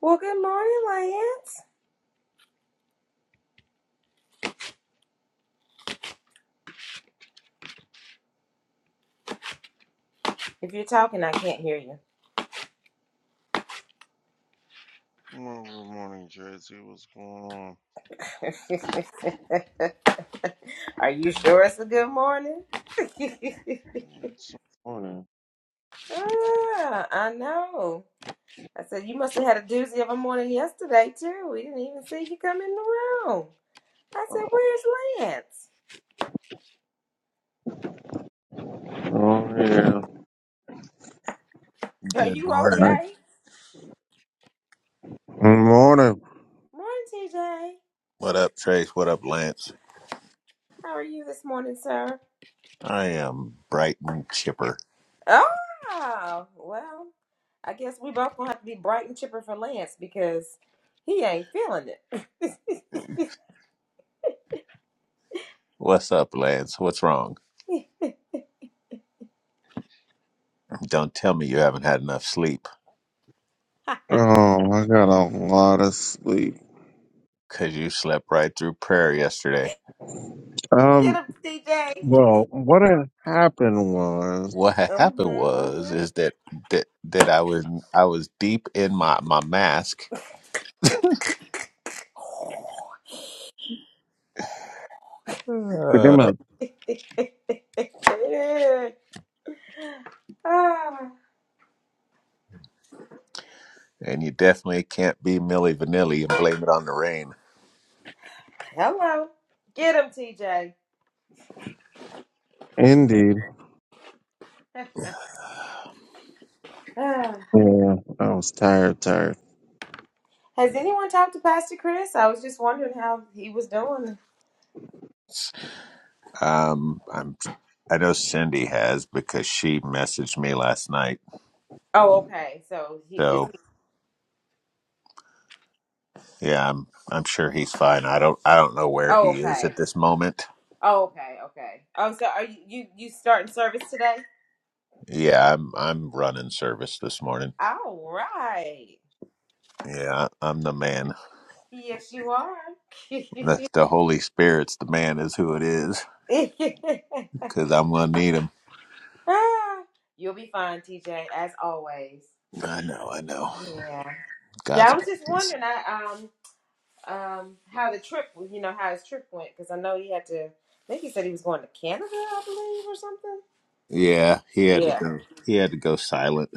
Well, good morning, Lance. If you're talking, I can't hear Well, good morning, Jersey. What's going on? you. Are you sure it's a good morning? It's morning. ah, I know. I said, you must have had a doozy of a morning yesterday, too. We didn't even see you come in the room. I said, Oh, where's Lance? oh, yeah. Are Good you morning. okay? Good morning. Morning, TJ. What up, Trace? What up, Lance? How are you this morning, sir? I am bright and chipper. Oh, well, I guess we both gonna have to be bright and chipper for Lance because he ain't feeling it. What's up, Lance? What's wrong? Don't tell me you haven't had enough sleep Oh, I got a lot of sleep. because you slept right through prayer yesterday. Get Um, him, CJ. well, what had happened was What had happened Mm-hmm, was mm-hmm. is that that that I was I was deep in my my mask, pretty Uh, much ah, and you definitely can't be Milli Vanilli and blame it on the rain. hello. Get him, TJ. indeed. Ah. Yeah, I was tired, tired. Has anyone talked to Pastor Chris? I was just wondering how he was doing. Um, I'm I know Cindy has because she messaged me last night. Oh, okay. So he is. He, So. Yeah, I'm I'm sure he's fine. I don't I don't know where oh, he is okay. at this moment. Oh, okay. Okay. Oh, so are you you you starting service today? Yeah, I'm I'm running service this morning. All right. Yeah, I'm the man. Yes, you are. The, the Holy Spirit's the man is who it is cuz I'm going to need him. Ah, You'll be fine, TJ, as always. I know, I know. Yeah. Yeah, God's I was got just this. wondering I, um um how the trip you know how his trip went because I know he had to I think he said he was going to Canada, I believe, or something. Yeah, he had to Yeah. go. He had to go silent.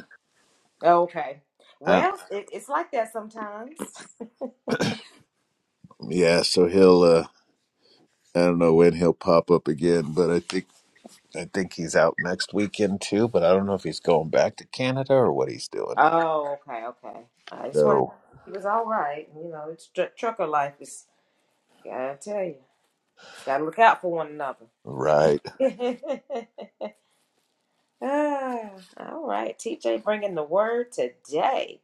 Okay. I, Well, it, it's like that sometimes. yeah, so he'll uh I don't know when he'll pop up again, but I think I think he's out next weekend too, but I don't know if he's going back to Canada or what he's doing. Oh, okay, okay. I just wanted So, he was all right. You know, it's tr- trucker life is gotta tell you. Gotta look out for one another. right. Ah, all right, TJ bringing the word today.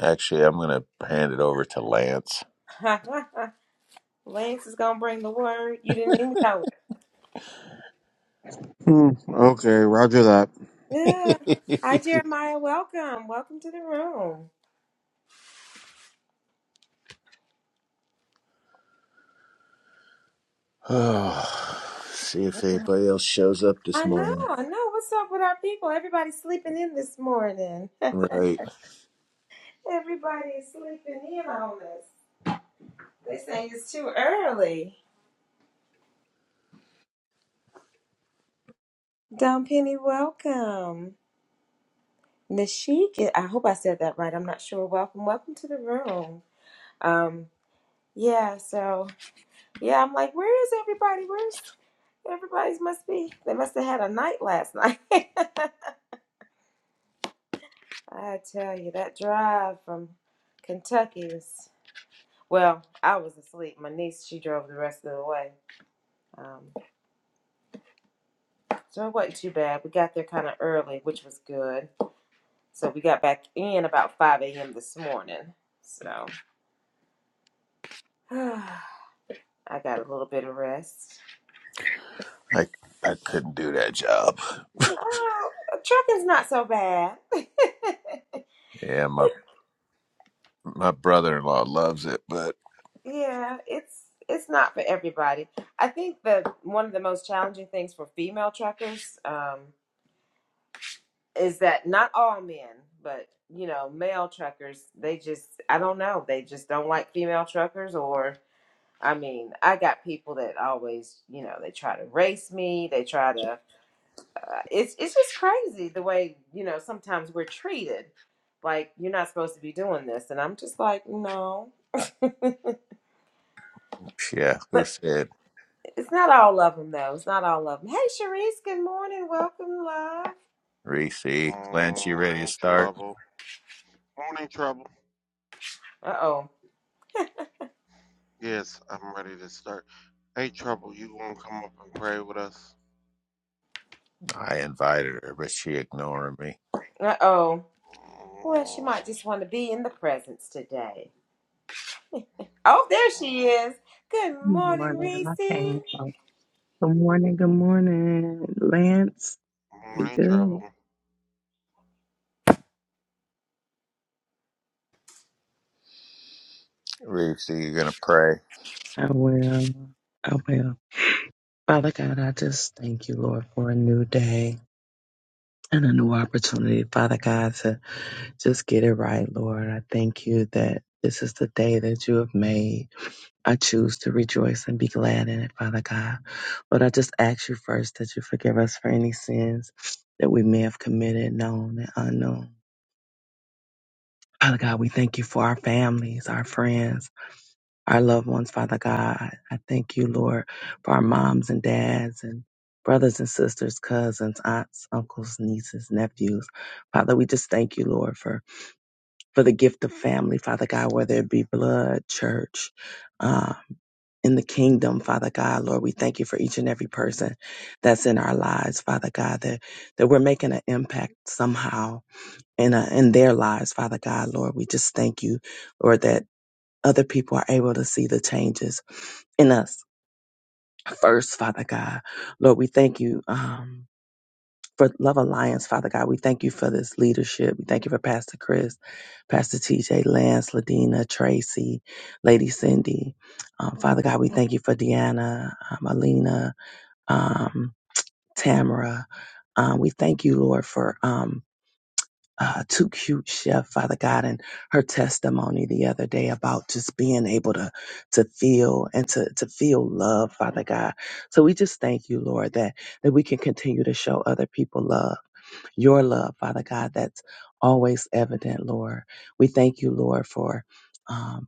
Actually, I'm going to hand it over to Lance. Lance is gonna bring the word. You didn't even know it. Hmm, okay, roger that. Yeah. Hi, Jeremiah. Welcome. Welcome to the room. Oh, See if anybody else shows up this I know. morning. I know. What's up with our people? Everybody's sleeping in this morning. Right. Everybody's sleeping in on us. They saying it's too early. Don Penny, welcome. Nashik, I hope I said that right. I'm not sure. Welcome. Welcome to the room. Um. Yeah, so yeah, I'm like, where is everybody? Where's everybody's must be? They must have had a night last night. I tell you, that drive from Kentucky was well, I was asleep. My niece, she drove the rest of the way. Um, so it wasn't too bad. We got there kind of early, which was good. So we got back in about 5 a.m. this morning. So I got a little bit of rest. I I couldn't do that job. Oh, trucking's not so bad. Yeah, my my brother-in-law loves it, but Yeah, it's it's not for everybody. I think that one of the most challenging things for female truckers um, is that not all men, but you know, male truckers, they just I don't know, they just don't like female truckers or I mean, I got people that always, you know, they try to race me, they try to uh, it's it's just crazy the way, you know, sometimes we're treated like you're not supposed to be doing this and I'm just like, no. yeah, who said It's not all of them though. It's not all of them. Hey, Sharice. Good morning. Welcome, love. Good Reese? Lance, you ready to morning, start? Trouble. Morning, Trouble. Uh oh. Yes, I'm ready to start. Hey, Trouble, you gonna come up and pray with us? I invited her, but she ignoring me. Uh oh. Well, she might just want to be in the presence today. Oh, there she is. Good Good morning, morning. Reese. I came from. Good morning. Good morning, Lance. Be Morning, good. Trouble. Reese, you gonna pray? I will. I will. Father God, I just thank you, Lord, for a new day and a new opportunity, Father God, to just get it right, Lord. I thank you that this is the day that you have made. I choose to rejoice and be glad in it, Father God. But I just ask you first that you forgive us for any sins that we may have committed, known and unknown. Father God, we thank you for our families, our friends, our loved ones, Father God. I thank you, Lord, for our moms and dads and brothers and sisters, cousins, aunts, uncles, nieces, nephews. Father, we just thank you, Lord, for, for the gift of family, Father God, whether it be blood, church, um, in the kingdom, Father God, Lord, we thank you for each and every person that's in our lives, Father God, that, that we're making an impact somehow in, uh, in their lives, Father God, Lord. We just thank you, Lord, that other people are able to see the changes in us first, Father God. Lord, we thank you um, for Love Alliance, Father God. We thank you for this leadership. We thank you for Pastor Chris, Pastor TJ, Lance, Ladina, Tracy, Lady Cindy. Um, Father God, we thank you for Deanna, um, Alina, um, Tamara. Um, we thank you, Lord, for. um, uh, too cute chef, Father God, and her testimony the other day about just being able to to feel and to to feel love, Father God. So we just thank you, Lord, that that we can continue to show other people love, your love, Father God. That's always evident, Lord. We thank you, Lord, for. um,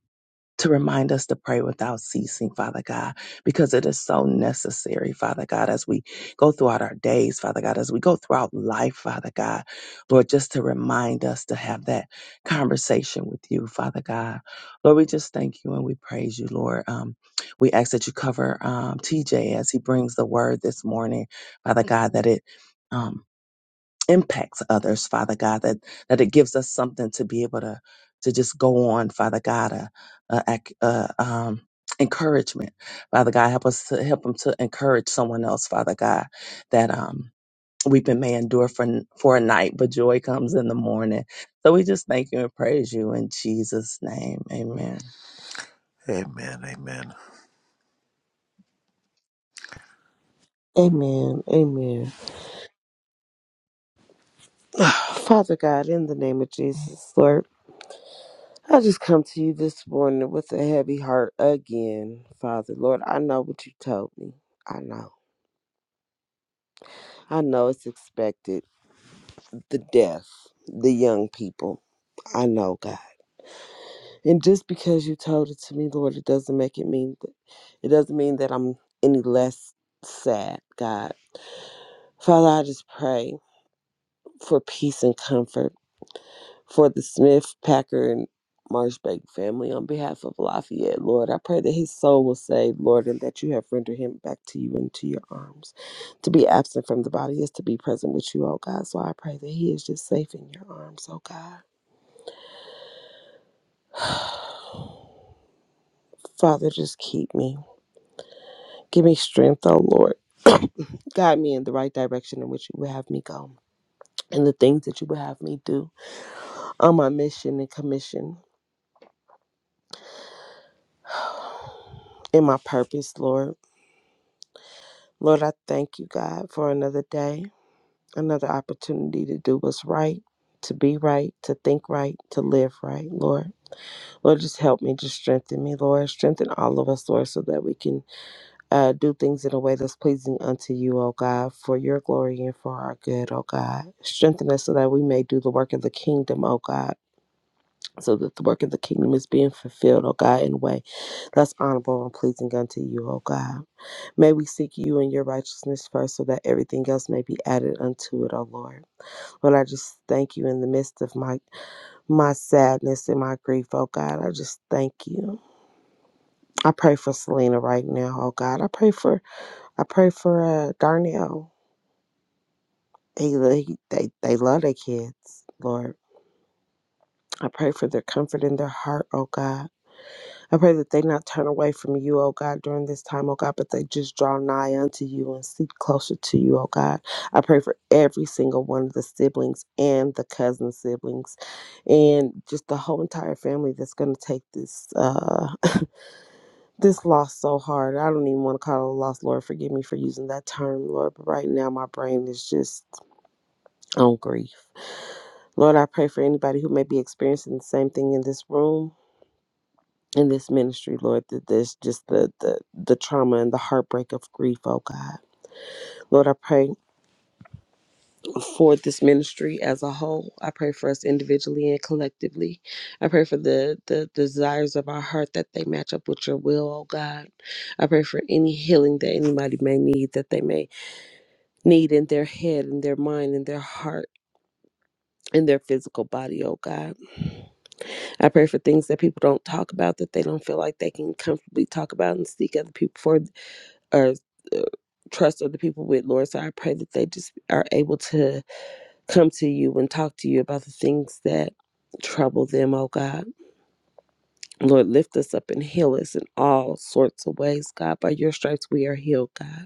to remind us to pray without ceasing, Father God, because it is so necessary, Father God, as we go throughout our days, Father God, as we go throughout life, Father God, Lord, just to remind us to have that conversation with you, Father God. Lord, we just thank you and we praise you, Lord. Um, we ask that you cover um, TJ as he brings the word this morning, Father God, that it. Um, impacts others, Father God, that, that it gives us something to be able to, to just go on, Father God, a, a, ac- a, um, encouragement, Father God, help us to help them to encourage someone else, Father God, that, um, weeping may endure for, n- for a night, but joy comes in the morning. So we just thank you and praise you in Jesus name. Amen. Amen, amen. Amen. Amen. Father God, in the name of Jesus, Lord, I just come to you this morning with a heavy heart again, Father. Lord, I know what you told me. I know. I know it's expected. The deaf, the young people. I know, God. And just because you told it to me, Lord, it doesn't make it mean that it doesn't mean that I'm any less sad, God. Father, I just pray for peace and comfort for the Smith, Packer, and Marshbank family on behalf of Lafayette, Lord. I pray that his soul will save, Lord, and that you have rendered him back to you into your arms. To be absent from the body is to be present with you, oh God. So I pray that he is just safe in your arms, oh God. Father, just keep me. Give me strength, oh Lord. Guide me in the right direction in which you would have me go and the things that you would have me do on my mission and commission and my purpose, Lord. Lord, I thank you, God, for another day. another opportunity to do what's right, to be right, to think right, to live right, Lord. Lord, just help me, just strengthen me, Lord. Strengthen all of us, Lord, so that we can uh, do things in a way that's pleasing unto you, O God, for your glory and for our good, O God. Strengthen us so that we may do the work of the kingdom, O God. So that the work of the kingdom is being fulfilled, O God, in a way that's honorable and pleasing unto you, O God. May we seek you and your righteousness first, so that everything else may be added unto it, O Lord. Lord, I just thank you in the midst of my my sadness and my grief, oh God. I just thank you. I pray for Selena right now, oh God. I pray for I pray for uh Darnell. They lo- they they love their kids, Lord. I pray for their comfort in their heart, oh God. I pray that they not turn away from you, O God, during this time, O God, but they just draw nigh unto you and seek closer to you, O God. I pray for every single one of the siblings and the cousin siblings and just the whole entire family that's gonna take this uh this loss so hard. I don't even want to call it a loss, Lord. Forgive me for using that term, Lord, but right now my brain is just on grief. Lord, I pray for anybody who may be experiencing the same thing in this room in this ministry, Lord, that this just the, the the trauma and the heartbreak of grief, oh God. Lord, I pray for this ministry as a whole. I pray for us individually and collectively. I pray for the the desires of our heart that they match up with your will, oh God. I pray for any healing that anybody may need, that they may need in their head, in their mind, in their heart, in their physical body, oh God. I pray for things that people don't talk about that they don't feel like they can comfortably talk about and seek other people for or uh, trust other people with, Lord. So I pray that they just are able to come to you and talk to you about the things that trouble them, oh God. Lord, lift us up and heal us in all sorts of ways, God. By your stripes, we are healed, God.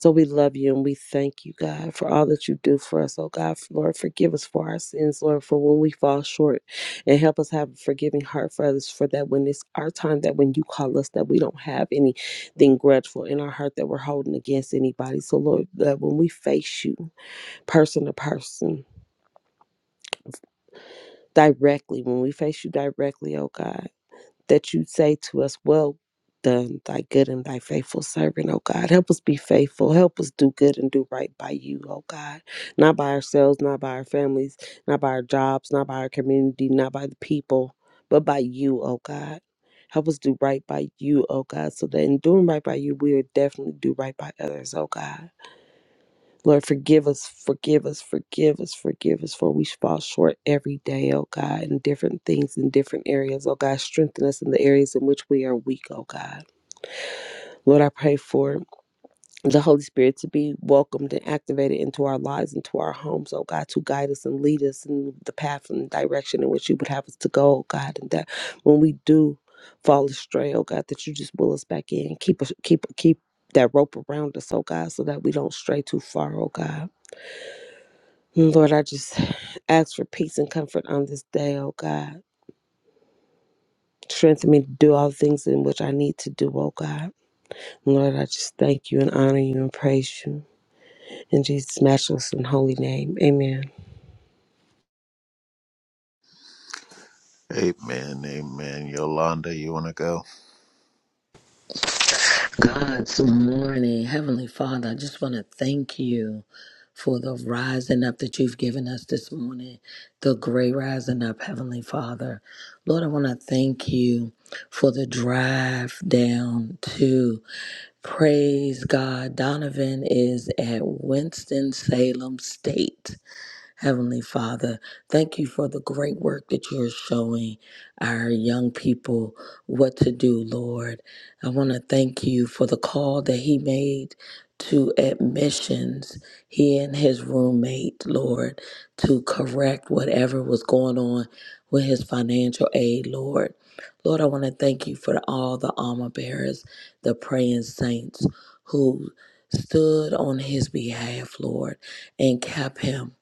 So we love you and we thank you, God, for all that you do for us. Oh, God, Lord, forgive us for our sins, Lord, for when we fall short and help us have a forgiving heart for others, for that when it's our time, that when you call us, that we don't have anything grudgeful in our heart that we're holding against anybody. So, Lord, that when we face you person to person, directly, when we face you directly, oh God. that you say to us, Well done, thy good and thy faithful servant, oh God. Help us be faithful. Help us do good and do right by you, oh God. Not by ourselves, not by our families, not by our jobs, not by our community, not by the people, but by you, oh God. Help us do right by you, oh God, so that in doing right by you, we will definitely do right by others, oh God. Lord, forgive us, forgive us, forgive us, forgive us, for we fall short every day, oh God, in different things, in different areas, oh God. Strengthen us in the areas in which we are weak, oh God. Lord, I pray for the Holy Spirit to be welcomed and activated into our lives, into our homes, oh God, to guide us and lead us in the path and direction in which you would have us to go, oh God, and that when we do fall astray, oh God, that you just pull us back in. Keep us, keep, keep. That rope around us, oh God, so that we don't stray too far, oh God. Lord, I just ask for peace and comfort on this day, oh God. Strengthen me to do all things in which I need to do, oh God. Lord, I just thank you and honor you and praise you. In Jesus' matchless and holy name, amen. Amen, amen. Yolanda, you want to go? God's morning. Heavenly Father, I just want to thank you for the rising up that you've given us this morning, the great rising up, Heavenly Father. Lord, I want to thank you for the drive down to praise God. Donovan is at Winston-Salem State. Heavenly Father, thank you for the great work that you're showing our young people what to do, Lord. I want to thank you for the call that he made to admissions, he and his roommate, Lord, to correct whatever was going on with his financial aid, Lord. Lord, I want to thank you for all the armor bearers, the praying saints who stood on his behalf, Lord, and kept him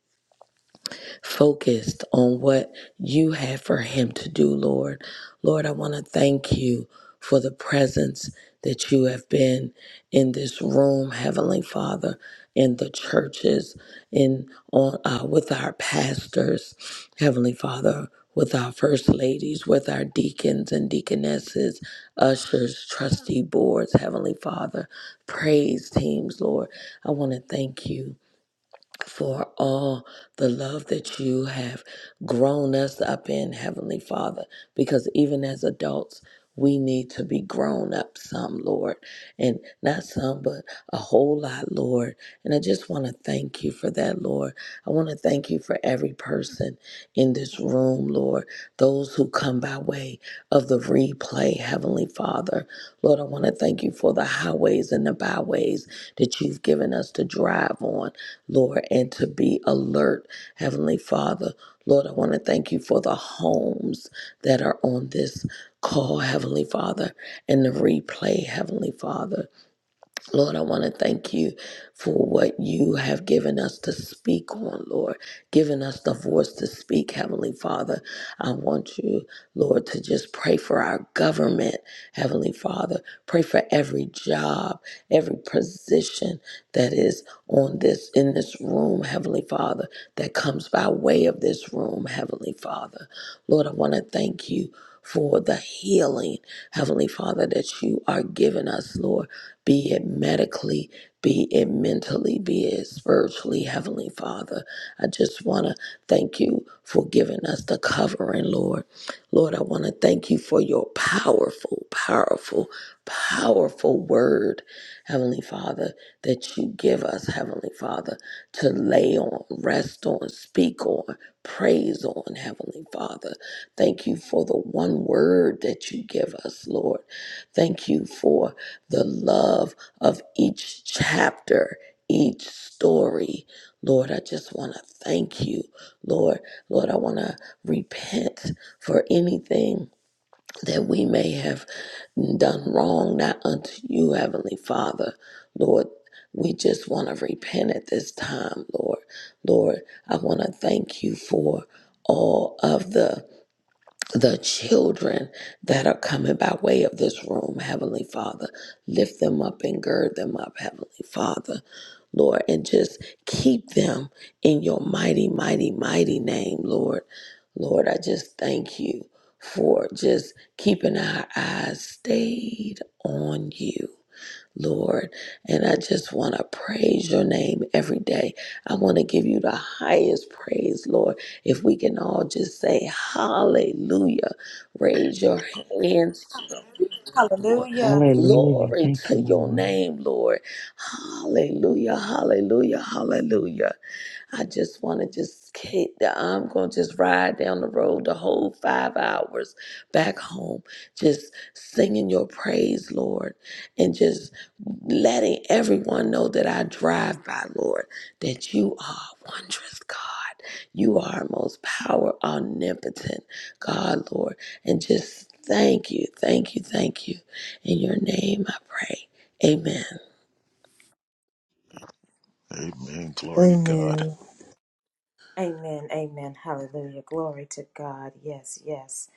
focused on what you have for him to do, Lord. Lord, I want to thank you for the presence that you have been in this room, Heavenly Father, in the churches, in on uh, with our pastors, Heavenly Father, with our first ladies, with our deacons and deaconesses, ushers, trustee boards, Heavenly Father, praise teams, Lord. I want to thank you for all the love that you have grown us up in, Heavenly Father, because even as adults, we need to be grown up some, Lord, and not some, but a whole lot, Lord. And I just want to thank you for that, Lord. I want to thank you for every person in this room, Lord, those who come by way of the replay, Heavenly Father. Lord, I want to thank you for the highways and the byways that you've given us to drive on. Lord, and to be alert, Heavenly Father. Lord, I want to thank you for the homes that are on this call, Heavenly Father, and the replay, Heavenly Father. Lord, I want to thank you for what you have given us to speak on, Lord, given us the voice to speak, Heavenly Father. I want you, Lord, to just pray for our government, Heavenly Father. Pray for every job, every position that is on this in this room, Heavenly Father, that comes by way of this room, Heavenly Father. Lord, I want to thank you for the healing, Heavenly Father, that you are giving us, Lord be it medically, be it mentally, be it spiritually. Heavenly Father, I just want to thank you for giving us the covering, Lord. Lord, I want to thank you for your powerful, powerful, powerful word, Heavenly Father, that you give us, Heavenly Father, to lay on, rest on, speak on, praise on, Heavenly Father. Thank you for the one word that you give us, Lord. Thank you for the love of each chapter, each story. Lord, I just want to thank you. Lord, Lord, I want to repent for anything that we may have done wrong, not unto you, Heavenly Father. Lord, we just want to repent at this time, Lord. Lord, I want to thank you for all of the the children that are coming by way of this room, Heavenly Father. Lift them up and gird them up, Heavenly Father. Lord, and just keep them in your mighty, mighty, mighty name, Lord. Lord, I just thank you for just keeping our eyes stayed on you. Lord. And I just want to praise your name every day. I want to give you the highest praise, Lord. If we can all just say hallelujah, raise your hands to the Lord. Hallelujah. Hallelujah. Glory Thank you, to your Lord. name, Lord. Hallelujah, hallelujah, hallelujah. I just want to just hit I'm going to just ride down the road the whole five hours back home, just singing your praise, Lord, and just letting everyone know that I drive by, Lord, that you are a wondrous God. You are most power, omnipotent God, Lord. And just thank you, thank you, thank you. In your name I pray. Amen. Amen. Glory to God. Amen. Amen. Amen. Hallelujah. Glory to God. Yes. Yes.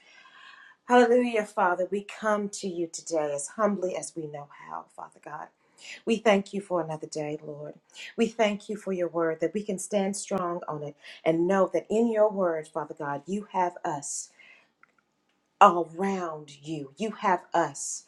Hallelujah, Father. We come to you today as humbly as we know how, Father God. We thank you for another day, Lord. We thank you for your word that we can stand strong on it and know that in your word, Father God, you have us around you. You have us.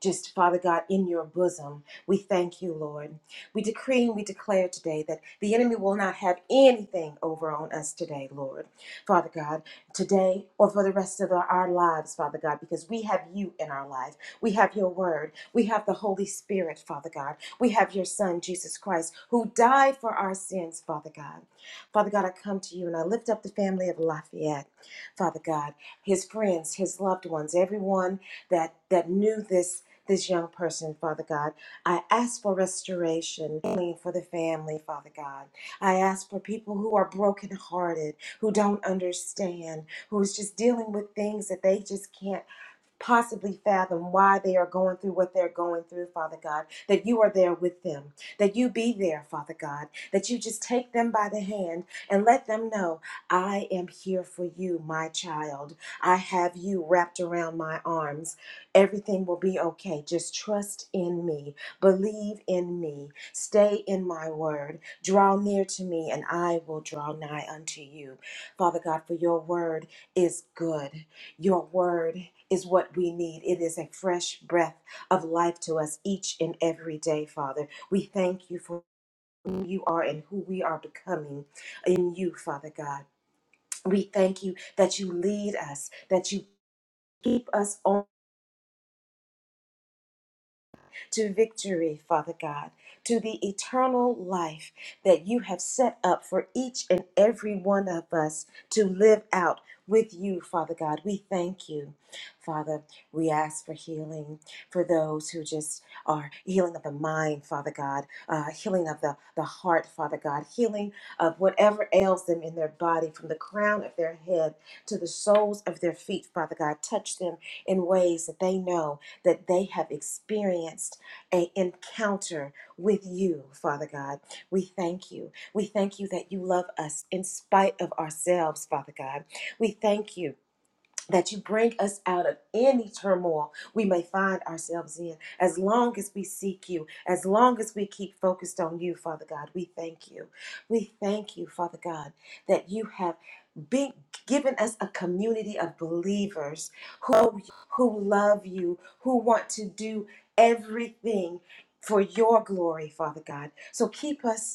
Just, Father God, in your bosom, we thank you, Lord. We decree and we declare today that the enemy will not have anything over on us today, Lord. Father God, today or for the rest of our our lives, Father God, because we have you in our life. We have your word. We have the Holy Spirit, Father God. We have your Son, Jesus Christ, who died for our sins, Father God. Father God, I come to you and I lift up the family of Lafayette, Father God his friends, his loved ones, everyone that that knew this this young person, Father God. I ask for restoration for the family, Father God. I ask for people who are brokenhearted, who don't understand, who's just dealing with things that they just can't possibly fathom why they are going through what they're going through, Father God, that you are there with them, that you be there, Father God, that you just take them by the hand and let them know, I am here for you, my child. I have you wrapped around my arms. Everything will be okay. Just trust in me, believe in me, stay in my word, draw near to me, and I will draw nigh unto you. Father God, for your word is good. Your word is what we need. It is a fresh breath of life to us each and every day, Father. We thank you for who you are and who we are becoming in you, Father God. We thank you that you lead us, that you keep us on. to victory, Father God, to the eternal life that you have set up for each and every one of us to live out with you, Father God. We thank you. Father, we ask for healing for those who just are healing of the mind, Father God, uh, healing of the, the heart, Father God, healing of whatever ails them in their body, from the crown of their head to the soles of their feet, Father God. Touch them in ways that they know that they have experienced an encounter with you, Father God. We thank you. We thank you that you love us in spite of ourselves, Father God. We thank you that you bring us out of any turmoil we may find ourselves in. As long as we seek you, as long as we keep focused on you, Father God, we thank you. We thank you, Father God, that you have been given us a community of believers who who love you, who want to do everything for your glory, Father God. So keep us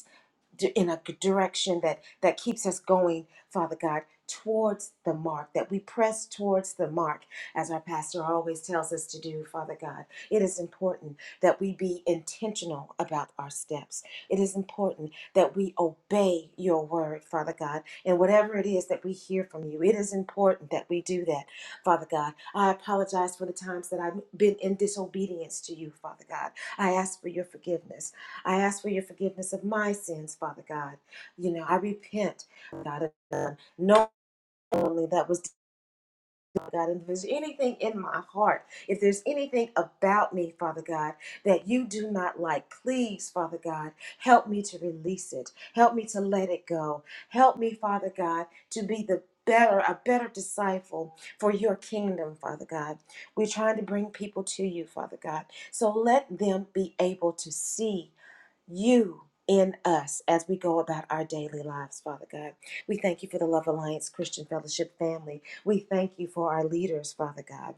in a good direction that that keeps us going father god towards the mark that we press towards the mark as our pastor always tells us to do father god it is important that we be intentional about our steps it is important that we obey your word father god and whatever it is that we hear from you it is important that we do that father god i apologize for the times that i've been in disobedience to you father god i ask for your forgiveness I ask for your forgiveness of my sins, Father God. You know, I repent, God, of them. knowingly that was done, God. And if there's anything in my heart, if there's anything about me, Father God, that you do not like, please, Father God, help me to release it. Help me to let it go. Help me, Father God, to be the better, a better disciple for your kingdom, Father God. We're trying to bring people to you, Father God. So let them be able to see you in us as we go about our daily lives, Father God. We thank you for the Love Alliance Christian Fellowship family. We thank you for our leaders, Father God.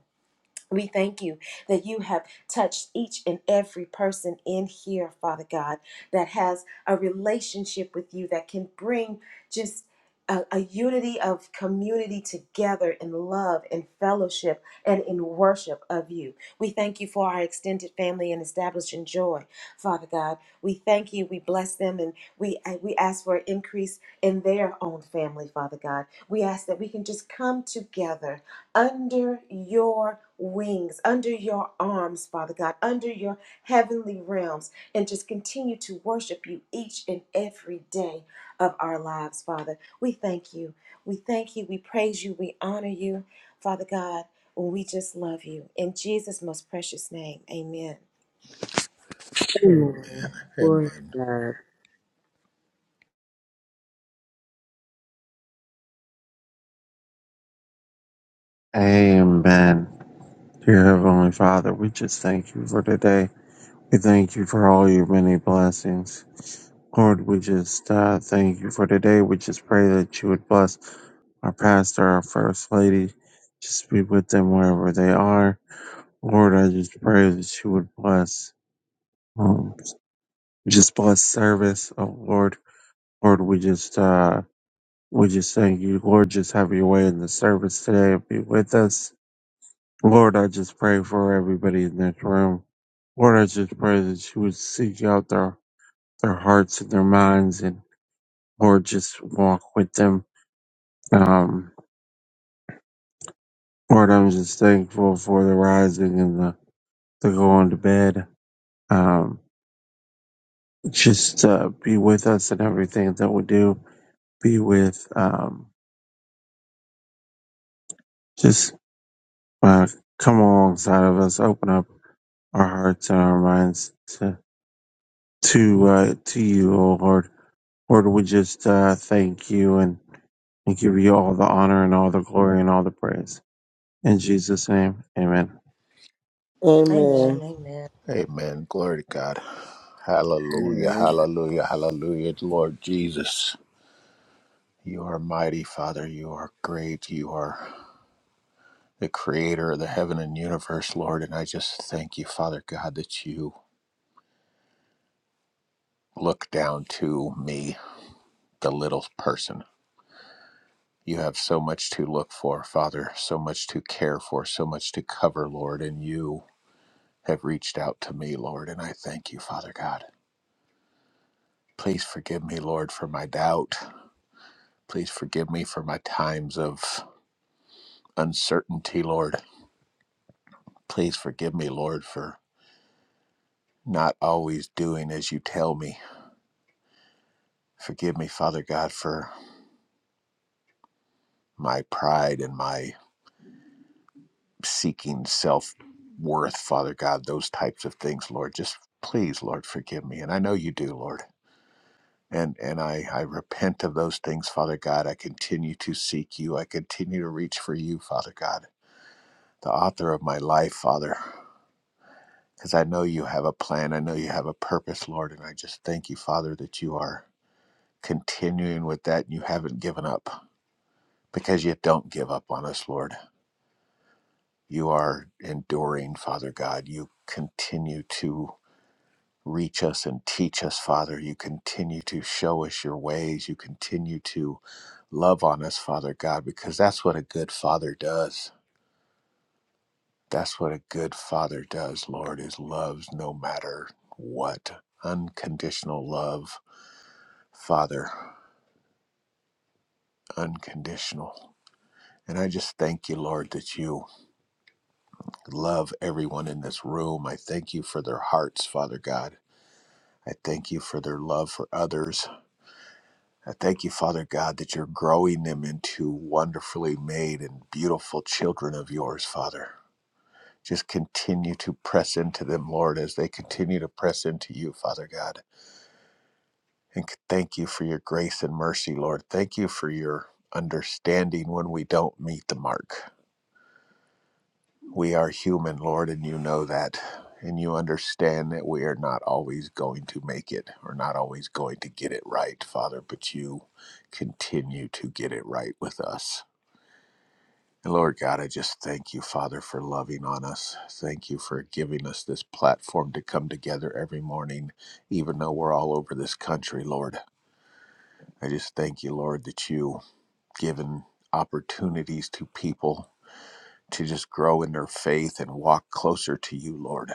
We thank you that you have touched each and every person in here, Father God, that has a relationship with you that can bring just a, a unity of community together in love and fellowship and in worship of you. We thank you for our extended family and establishing joy, Father God. We thank you. We bless them and we and we ask for an increase in their own family, Father God. We ask that we can just come together under your wings, under your arms, Father God, under your heavenly realms, and just continue to worship you each and every day of our lives, Father. We thank you. We thank you. We praise you. We honor you, Father God. We just love you. In Jesus' most precious name, amen. Amen, Amen. Glory amen, to Amen. Dear Heavenly Father, we just thank you for today. We thank you for all your many blessings. Lord, we just uh, thank you for today. We just pray that you would bless our pastor, our first lady. Just be with them wherever they are. Lord, I just pray that you would bless, um, just bless service. Oh Lord, Lord, we just, uh, we just thank you. Lord, just have your way in the service today. Be with us. Lord, I just pray for everybody in this room. Lord, I just pray that you would seek out their, their hearts and their minds and Lord, just walk with them. Um, Lord, I'm just thankful for the rising and the, the going to bed. Um, just, uh, be with us in everything that we do. Be with, um, just, uh, come alongside of us. Open up our hearts and our minds to, to, uh, to you, oh Lord. Lord, we just uh, thank you and, and give you all the honor and all the glory and all the praise. In Jesus' name, amen. God. Amen, Amen. amen, amen. Glory to God. Hallelujah, Amen. hallelujah, hallelujah. Lord Jesus, you are mighty, Father. You are great. You are the creator of the heaven and universe, Lord. And I just thank you, Father God, that you look down to me, the little person. You have so much to look for, Father, so much to care for, so much to cover, Lord, and you. have reached out to me, Lord, and I thank you, Father God. Please forgive me, Lord, for my doubt. Please forgive me for my times of uncertainty, Lord. Please forgive me, Lord, for not always doing as you tell me. Forgive me, Father God, for my pride and my seeking self worth, Father God, those types of things, Lord. Just please, Lord, forgive me. And I know you do, Lord. and and I, I repent of those things, Father God. I continue to seek you. I continue to reach for you, Father God, the author of my life, Father, because I know you have a plan. I know you have a purpose, Lord, and I just thank you, Father, that you are continuing with that and you haven't given up because you don't give up on us, Lord. You are enduring, Father God. You continue to reach us and teach us, Father. You continue to show us your ways. You continue to Love on us, Father God, because that's what a good father does. That's what a good father does, Lord, is loves no matter what. Unconditional love, Father, unconditional. And I just thank you, Lord, that you love everyone in this room. I thank you for their hearts, Father God. I thank you for their love for others. I thank you, Father God, that you're growing them into wonderfully made and beautiful children of yours, Father. Just continue to press into them, Lord, as they continue to press into you, Father God. And thank you for your grace and mercy, Lord. Thank you for your understanding when we don't meet the mark. We are human, Lord, and you know that. And you understand that we are not always going to make it or not always going to get it right, Father, but you continue to get it right with us. And Lord God, I just thank you, Father, for loving on us. Thank you for giving us this platform to come together every morning, even though we're all over this country, Lord. I just thank you, Lord, that you have given opportunities to people to just grow in their faith and walk closer to you, Lord.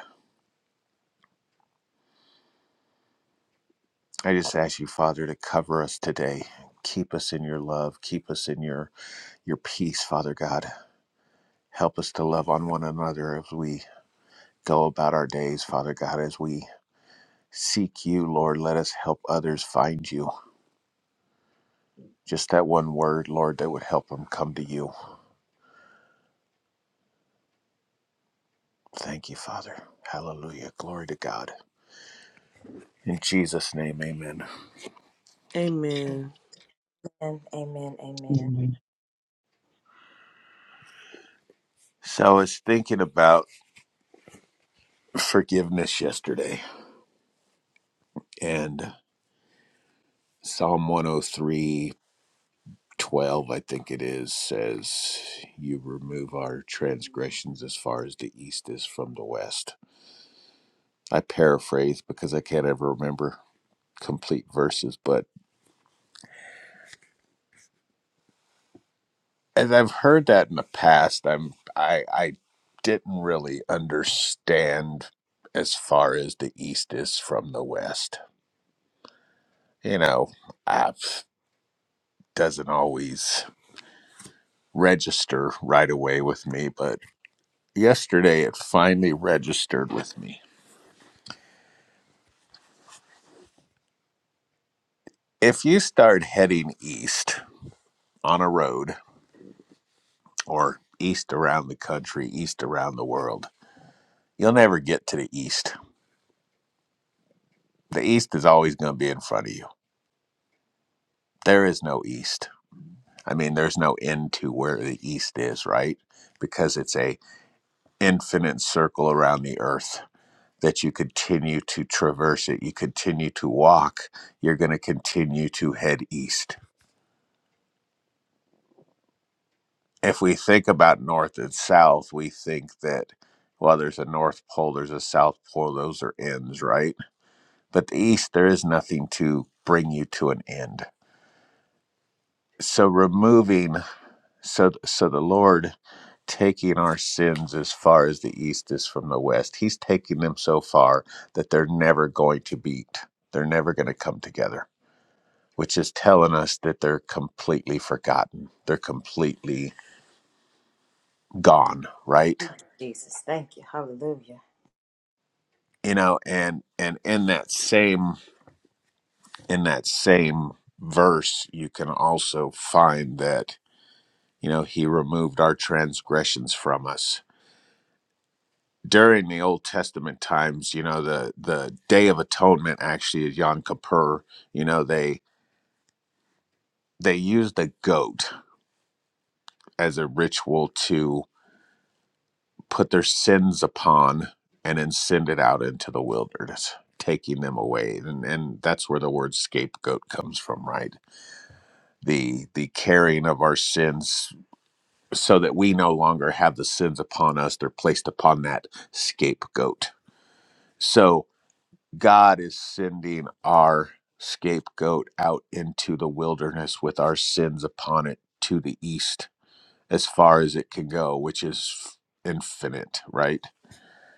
I just ask you, Father, to cover us today. Keep us in your love. Keep us in your your peace, Father God. Help us to love on one another as we go about our days, Father God, as we Seek you, Lord. Let us help others find you. Just that one word, Lord, that would help them come to you. Thank you, Father. Hallelujah. Glory to God. In Jesus' name, amen. Amen. Amen. amen, amen. Amen. So I was thinking about forgiveness yesterday, and Psalm 103:12, I think it is, says, You remove our transgressions as far as the east is from the west. I paraphrase because I can't ever remember complete verses, but as I've heard that in the past, I'm I I didn't really understand as far as the East is from the West. You know, i doesn't always register right away with me, but yesterday it finally registered with me. If you start heading east on a road or east around the country, east around the world, you'll never get to the east. The east is always going to be in front of you. There is no east I mean, there's no end to where the east is, right? Because it's a infinite circle around the earth that you continue to traverse it, you continue to walk, you're going to continue to head east. If we think about north and south, we think that well, there's a north pole, there's a south pole, those are ends, right? But the east, there is nothing to bring you to an end. So removing So, so the Lord taking our sins as far as the east is from the west. He's taking them so far that they're never going to beat. They're never going to come together, which is telling us that they're completely forgotten. They're completely gone, right? Oh, Jesus, thank you. Hallelujah. You know, and and in that same in that same verse, you can also find that you know he removed our transgressions from us during the Old Testament times, you know, the the Day of Atonement actually is Yom Kippur. You know, they they used the goat as a ritual to put their sins upon and then send it out into the wilderness, taking them away. And and that's where the word scapegoat comes from, right? The the carrying of our sins so that we no longer have the sins upon us. They're placed upon that scapegoat. So God is sending our scapegoat out into the wilderness with our sins upon it to the east as far as it can go, which is infinite, right?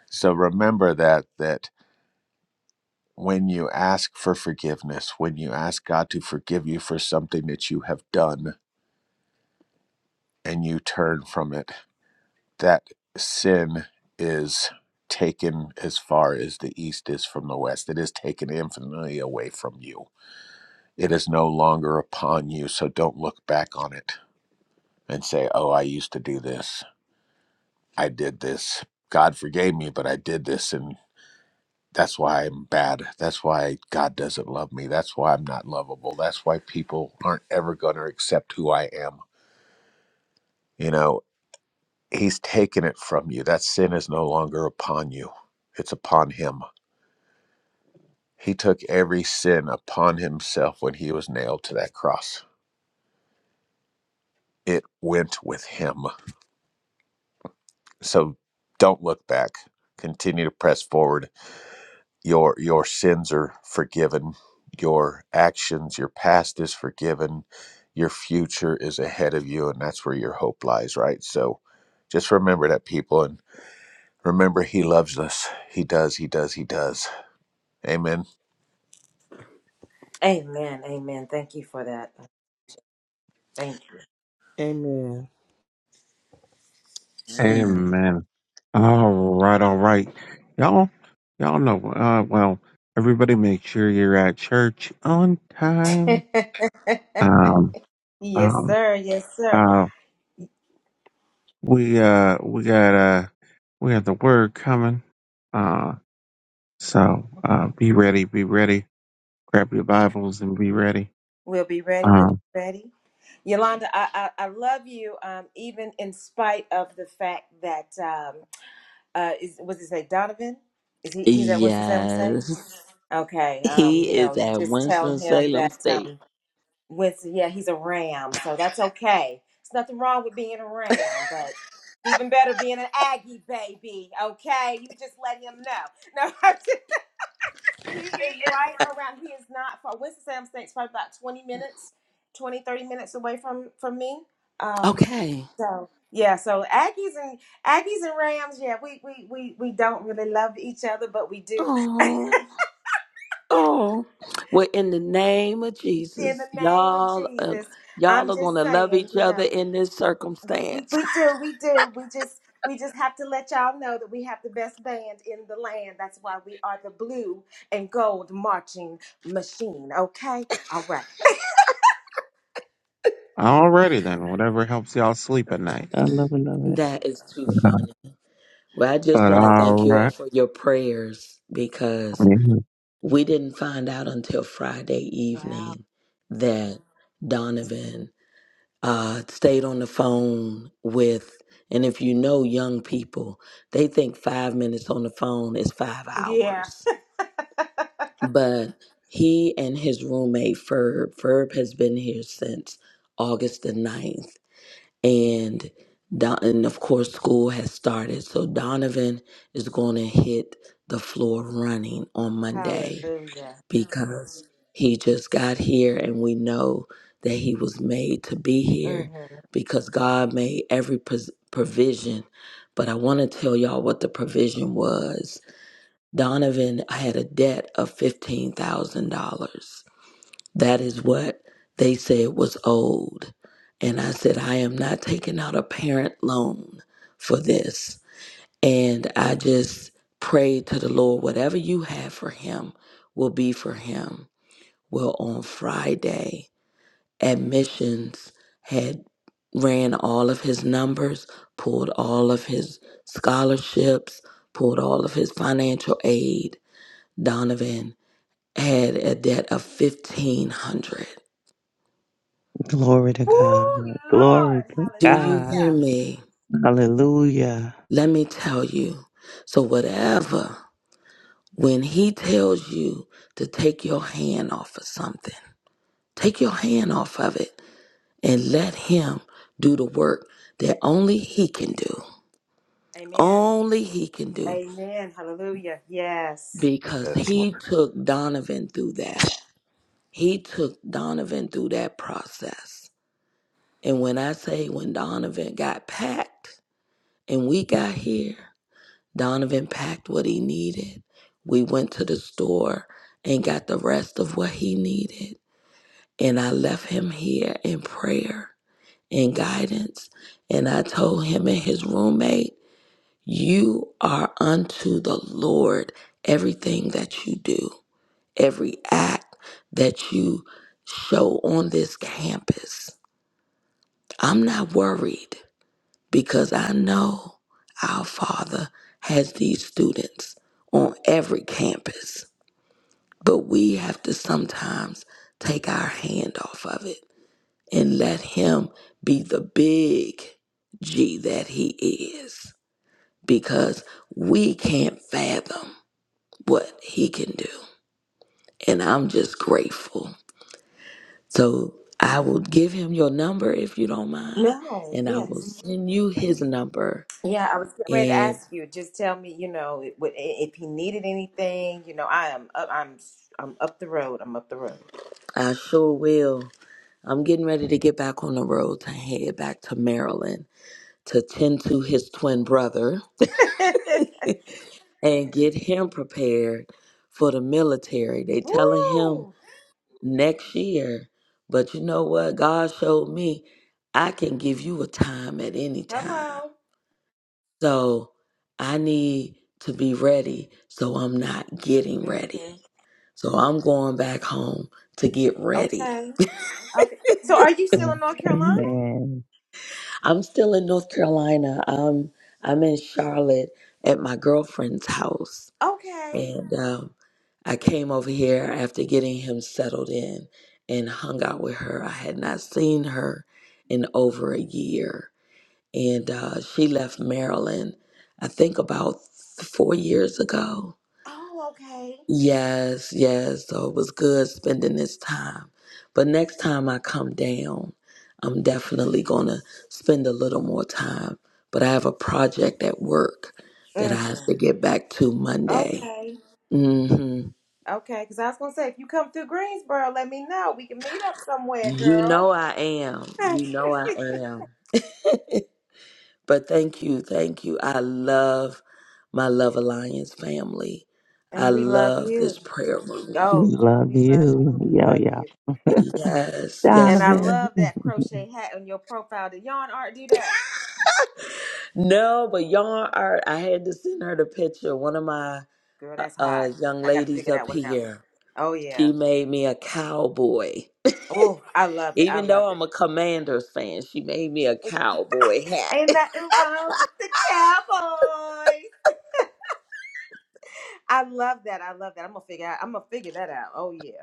So remember that that when you ask for forgiveness, when you ask God to forgive you for something that you have done and you turn from it, that sin is taken as far as the east is from the west. It is taken infinitely away from you It is no longer upon you, so don't look back on it and say, oh, I used to do this. I did this. God forgave me, but I did this, and that's why I'm bad. That's why God doesn't love me. That's why I'm not lovable. That's why people aren't ever going to accept who I am. You know, He's taken it from you. That sin is no longer upon you, it's upon Him. He took every sin upon Himself when He was nailed to that cross, it went with Him So don't look back. Continue to press forward. Your your sins are forgiven. Your actions, your past is forgiven. Your future is ahead of you and that's where your hope lies, right? So just remember that people and remember he loves us. He does, he does, he does. Amen. Amen, amen. Thank you for that. Thank Amen. Amen. All right, all right. Y'all, y'all know, uh, well, everybody make sure you're at church on time. you. Um, Yes, um, sir. Yes, sir. uh, we, uh, we got, uh, we got the word coming. Uh, so, uh, be ready, be ready. Grab your Bibles and be ready. We'll be ready. We'll Um. be ready. Yolanda, I, I, I love you, um, even in spite of the fact that, um, uh, is, was it say Donovan? Is he, he's at Winston-Salem State? Yes. Okay. Um, He you is know, you at just tell him Winston-Salem that, State. um, Winston, yeah, he's a ram. So that's okay. It's nothing wrong with being a ram, but it's even better being an Aggie baby. Okay. You just let him know. No, He is right around. He is not far. Winston-Salem State's probably about 20 minutes, 20 30 minutes away from from me. Um, Okay. so yeah, so Aggies and Aggies and Rams, yeah, we we we we don't really love each other, but we do. Oh, oh. Well, in the name of In the Jesus, name of y'all, uh, Jesus, y'all I'm are just gonna love saying, each you other know, in this we we, circumstance. we do, we do. We just we just have to let y'all know that we have the best band in the land. That's why we are the blue and gold marching machine. Okay, all right. Alrighty then, whatever helps y'all sleep at night. I love it, love it. that is too funny. Well, I just But want to thank you all alright. for your prayers because Mm, we didn't find out until Friday Wow. evening that Donovan uh, stayed on the phone with, and if you know young people, they think five minutes on the phone is five Yeah. hours. But he and his roommate, Ferb, Ferb has been here since August the ninth, And, Don, and of course, school has started. So Donovan is going to hit the floor running on Monday Hallelujah. because he just got here and we know that he was made to be here Mm-hmm. because God made every pos- provision. But I want to tell y'all what the provision was. Donovan had a debt of $15,000. That is what they said was owed. And I said, I am not taking out a parent loan for this. And I just prayed to the Lord, whatever you have for him will be for him well, on Friday, admissions had ran all of his numbers, pulled all of his scholarships, pulled all of his financial aid. Donovan had a debt of 1500. Glory to God. Ooh, Glory Lord. to Do you God. hear Hallelujah. me? Hallelujah. Let me tell you. So whatever when he tells you to take your hand off of something, take your hand off of it and let him do the work that only he can do. Amen. only he can do Amen. Hallelujah. Yes. because Yes, he Lord. took Donovan through that. He took Donovan through that process. And when I say when Donovan got packed and we got here, Donovan packed what he needed. We went to the store and got the rest of what he needed. And I left him here in prayer and guidance. And I told him and his roommate, You are unto the Lord everything that you do. every act that you show on this campus. I'm not worried because I know our Father has these students on every campus, but we have to sometimes take our hand off of it and let Him be the big G that He is because we can't fathom what He can do. And I'm just grateful So I will give him your number if you don't mind, No, and I will yes. Mhm. send you his number. Yeah, I was getting ready to And ask you. Just tell me, you know, it- what- i- if he needed anything. You know, I am up, I'm I'm up the road. I'm up the road. I sure will. I'm getting ready to get back on the road to head back to Maryland to tend to his twin brother and get him prepared for the military. They telling him Woo! next year, but you know what? God showed me I can give you a time at any time. Hello. So I need to be ready so I'm not getting Mm-hmm. ready. So I'm going back home to get ready. Okay. Okay. So are you still in North Carolina? Amen. I'm still in North Carolina. I'm I'm in Charlotte at my girlfriend's house, Okay. and um, I came over here after getting him settled in and hung out with her. I had not seen her in over a year, and uh, she left Maryland, I think about th- four years ago Oh, okay. Yes, yes. So it was good spending this time. But next time I come down, I'm definitely going to spend a little more time. But I have a project at work that I hmm have to get back to Monday. Okay. hmm Okay, because I was gonna say if you come through Greensboro, let me know. We can meet up somewhere, You girl. know I am. You know I am. But thank you. Thank you. I love my Love Alliance family. I and we love love this you. prayer room. We Oh, love we love you. you. We Yo, love yo. you. Yes, And yes. I Donovan. love that crochet hat on your profile. Did yarn art do that? No, but y'all are. I had to send her the picture. One of my Girl, uh, that's hot. uh, young I gotta ladies figure that up one out. here, Oh she yeah. made me a cowboy. Oh, I love it. I Even love though it. I'm a Commanders fan, she made me a cowboy Ain't hat. nothing wrong with the cowboys. I love that. I love that. I'm gonna figure out. I'm gonna figure that out. Oh yeah.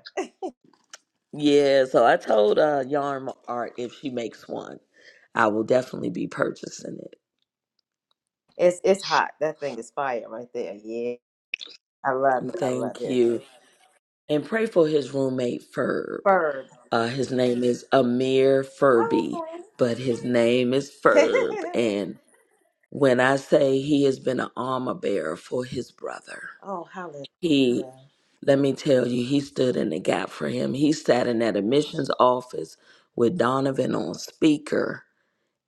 yeah, so I told uh, Yarn Art if she makes one, I will definitely be purchasing it. It's it's hot. That thing is fire right there. Yeah. I love it. I love Thank it. you. And pray for his roommate, Ferb. Bird. Uh, his name is Amir Furby, Oh, but his name is okay. Ferb. And When I say he has been an armor bearer for his brother, Oh, hallelujah. he, let me tell you, he stood in the gap for him. He sat in that admissions office with Donovan on speaker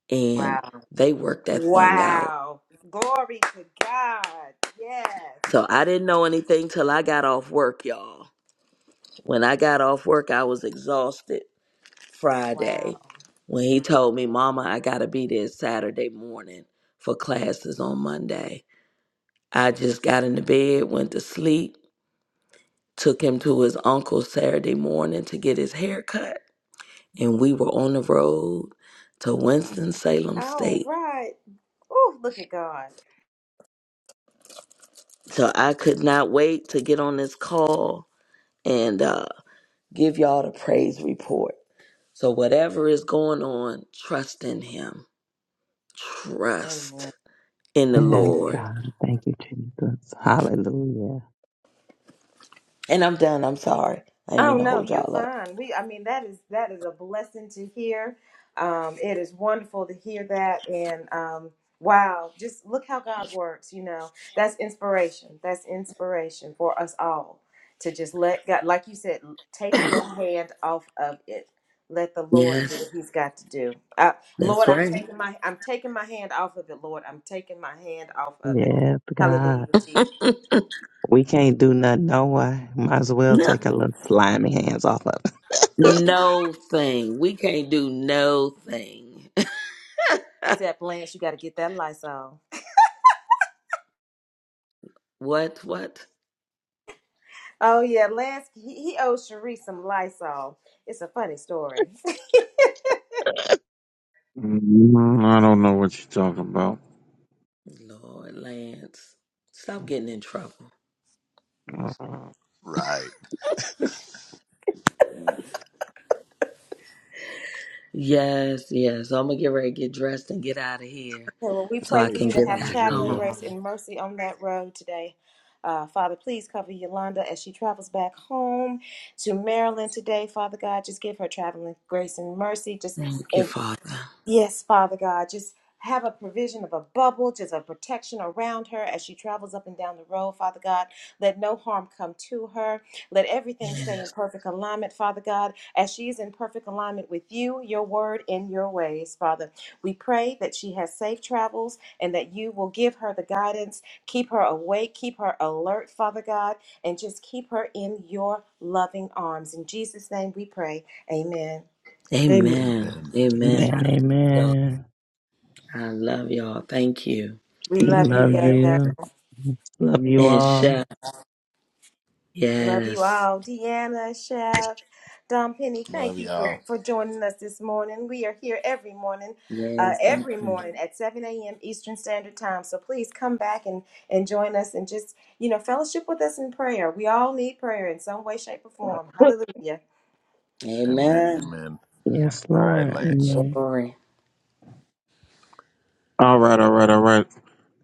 and wow. they worked that thing out. Wow. Glory to God. Yes. So I didn't know anything till I got off work, y'all. When I got off work, I was exhausted Friday Wow. when he told me, Mama, I got to be there Saturday morning for classes on Monday. I just got into bed, went to sleep, took him to his uncle's Saturday morning to get his hair cut. And we were on the road to Winston-Salem All State. right. Oh, look at God. So I could not wait to get on this call and uh, give y'all the praise report. So whatever is going on, trust in him. Amen. Trust in the yes, Amen. Lord. God. Thank you, Jesus. Hallelujah. And I'm done. I'm sorry. I didn't Oh mean to no, hold you're y'all up. fine. We, I mean, that is that is a blessing to hear. Um, it is wonderful to hear that, and um, wow, just look how God works. You know, that's inspiration. That's inspiration for us all to just let God, like you said, take your hand off of it. Let the Lord do what Yes, He's got to do. Uh, Lord, that's I'm right. taking my I'm taking my hand off of it. Lord, I'm taking my hand off of it. Yes, Hallelujah, God. Jesus. We can't do nothing, no way. Might as well No, take a little slimy hands off of it. no thing. We can't do no thing. Except Lance, you got to get that Lysol. What? What? Oh yeah, last he, he owes Cherie some Lysol. It's a funny story. I don't know what you're talking about. Lord, Lance, stop getting in trouble. Right. Yes, yes. So, I'm gonna get ready, get dressed, and get out of here, Well, we so pray I for Safe can you to get have back travels, yo traveling yo. grace home. and mercy on that road today. Uh, Father, please cover Yolanda as she travels back home to Maryland today. Father God, just give her traveling grace and mercy. Just Thank you, Father. Yes, Father God, just have a provision of a bubble, just a protection around her as she travels up and down the road, Father God. Let no harm come to her. Let everything stay in Yes. perfect alignment, Father God, as she's in perfect alignment with you, your word, and your ways, Father. We pray that she has safe travels and that you will give her the guidance, keep her awake, keep her alert, Father God, and just keep her in your loving arms. In Jesus' name we pray. Amen. Amen. Amen. Amen. Amen. Amen, I love y'all. amen. I love y'all. Thank you. We We Love love you, you, love yo Yo yo. you. Yo. Love you And all. Chef. Love you Yes. all. Deanna, Chef, Dom Penny, thank Love you for, y'all. for joining us this morning. We are here every morning, uh, Yes. Thank every you. morning at 7 a.m. Eastern Standard Time. So please come back and, and join us and just, you know, fellowship with us in prayer. We all need prayer in some way, shape, or form. Alright, Hallelujah. Amen. Amen. Amen. Yes, All right, Lord. Lance. Amen. Glory. alright, alright.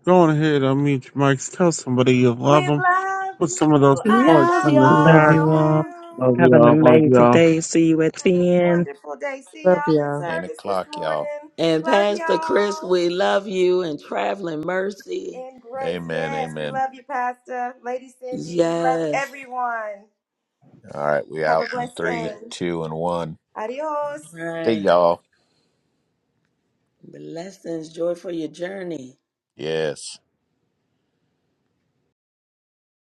Go on ahead, unmute your mics. Tell somebody you We love them. love Put you. some of those I parts Love love in the Love all chat. of you all. y'all. Love Have you. an y'all, love y'all. amazing day. See you at Have a 10. wonderful day. See y'all in 10 service this o'clock, y'all. morning. And Love Pastor Chris, y'all. we love you and traveling mercy. In grace. Amen. Yes, we Amen. love you, Pastor. Lady Cindy, we love Yes. everyone. All right. We Have a out in blessed three, day. two, and one. Adios. See Right. y'all. Blessings. Joy for your journey. Yes.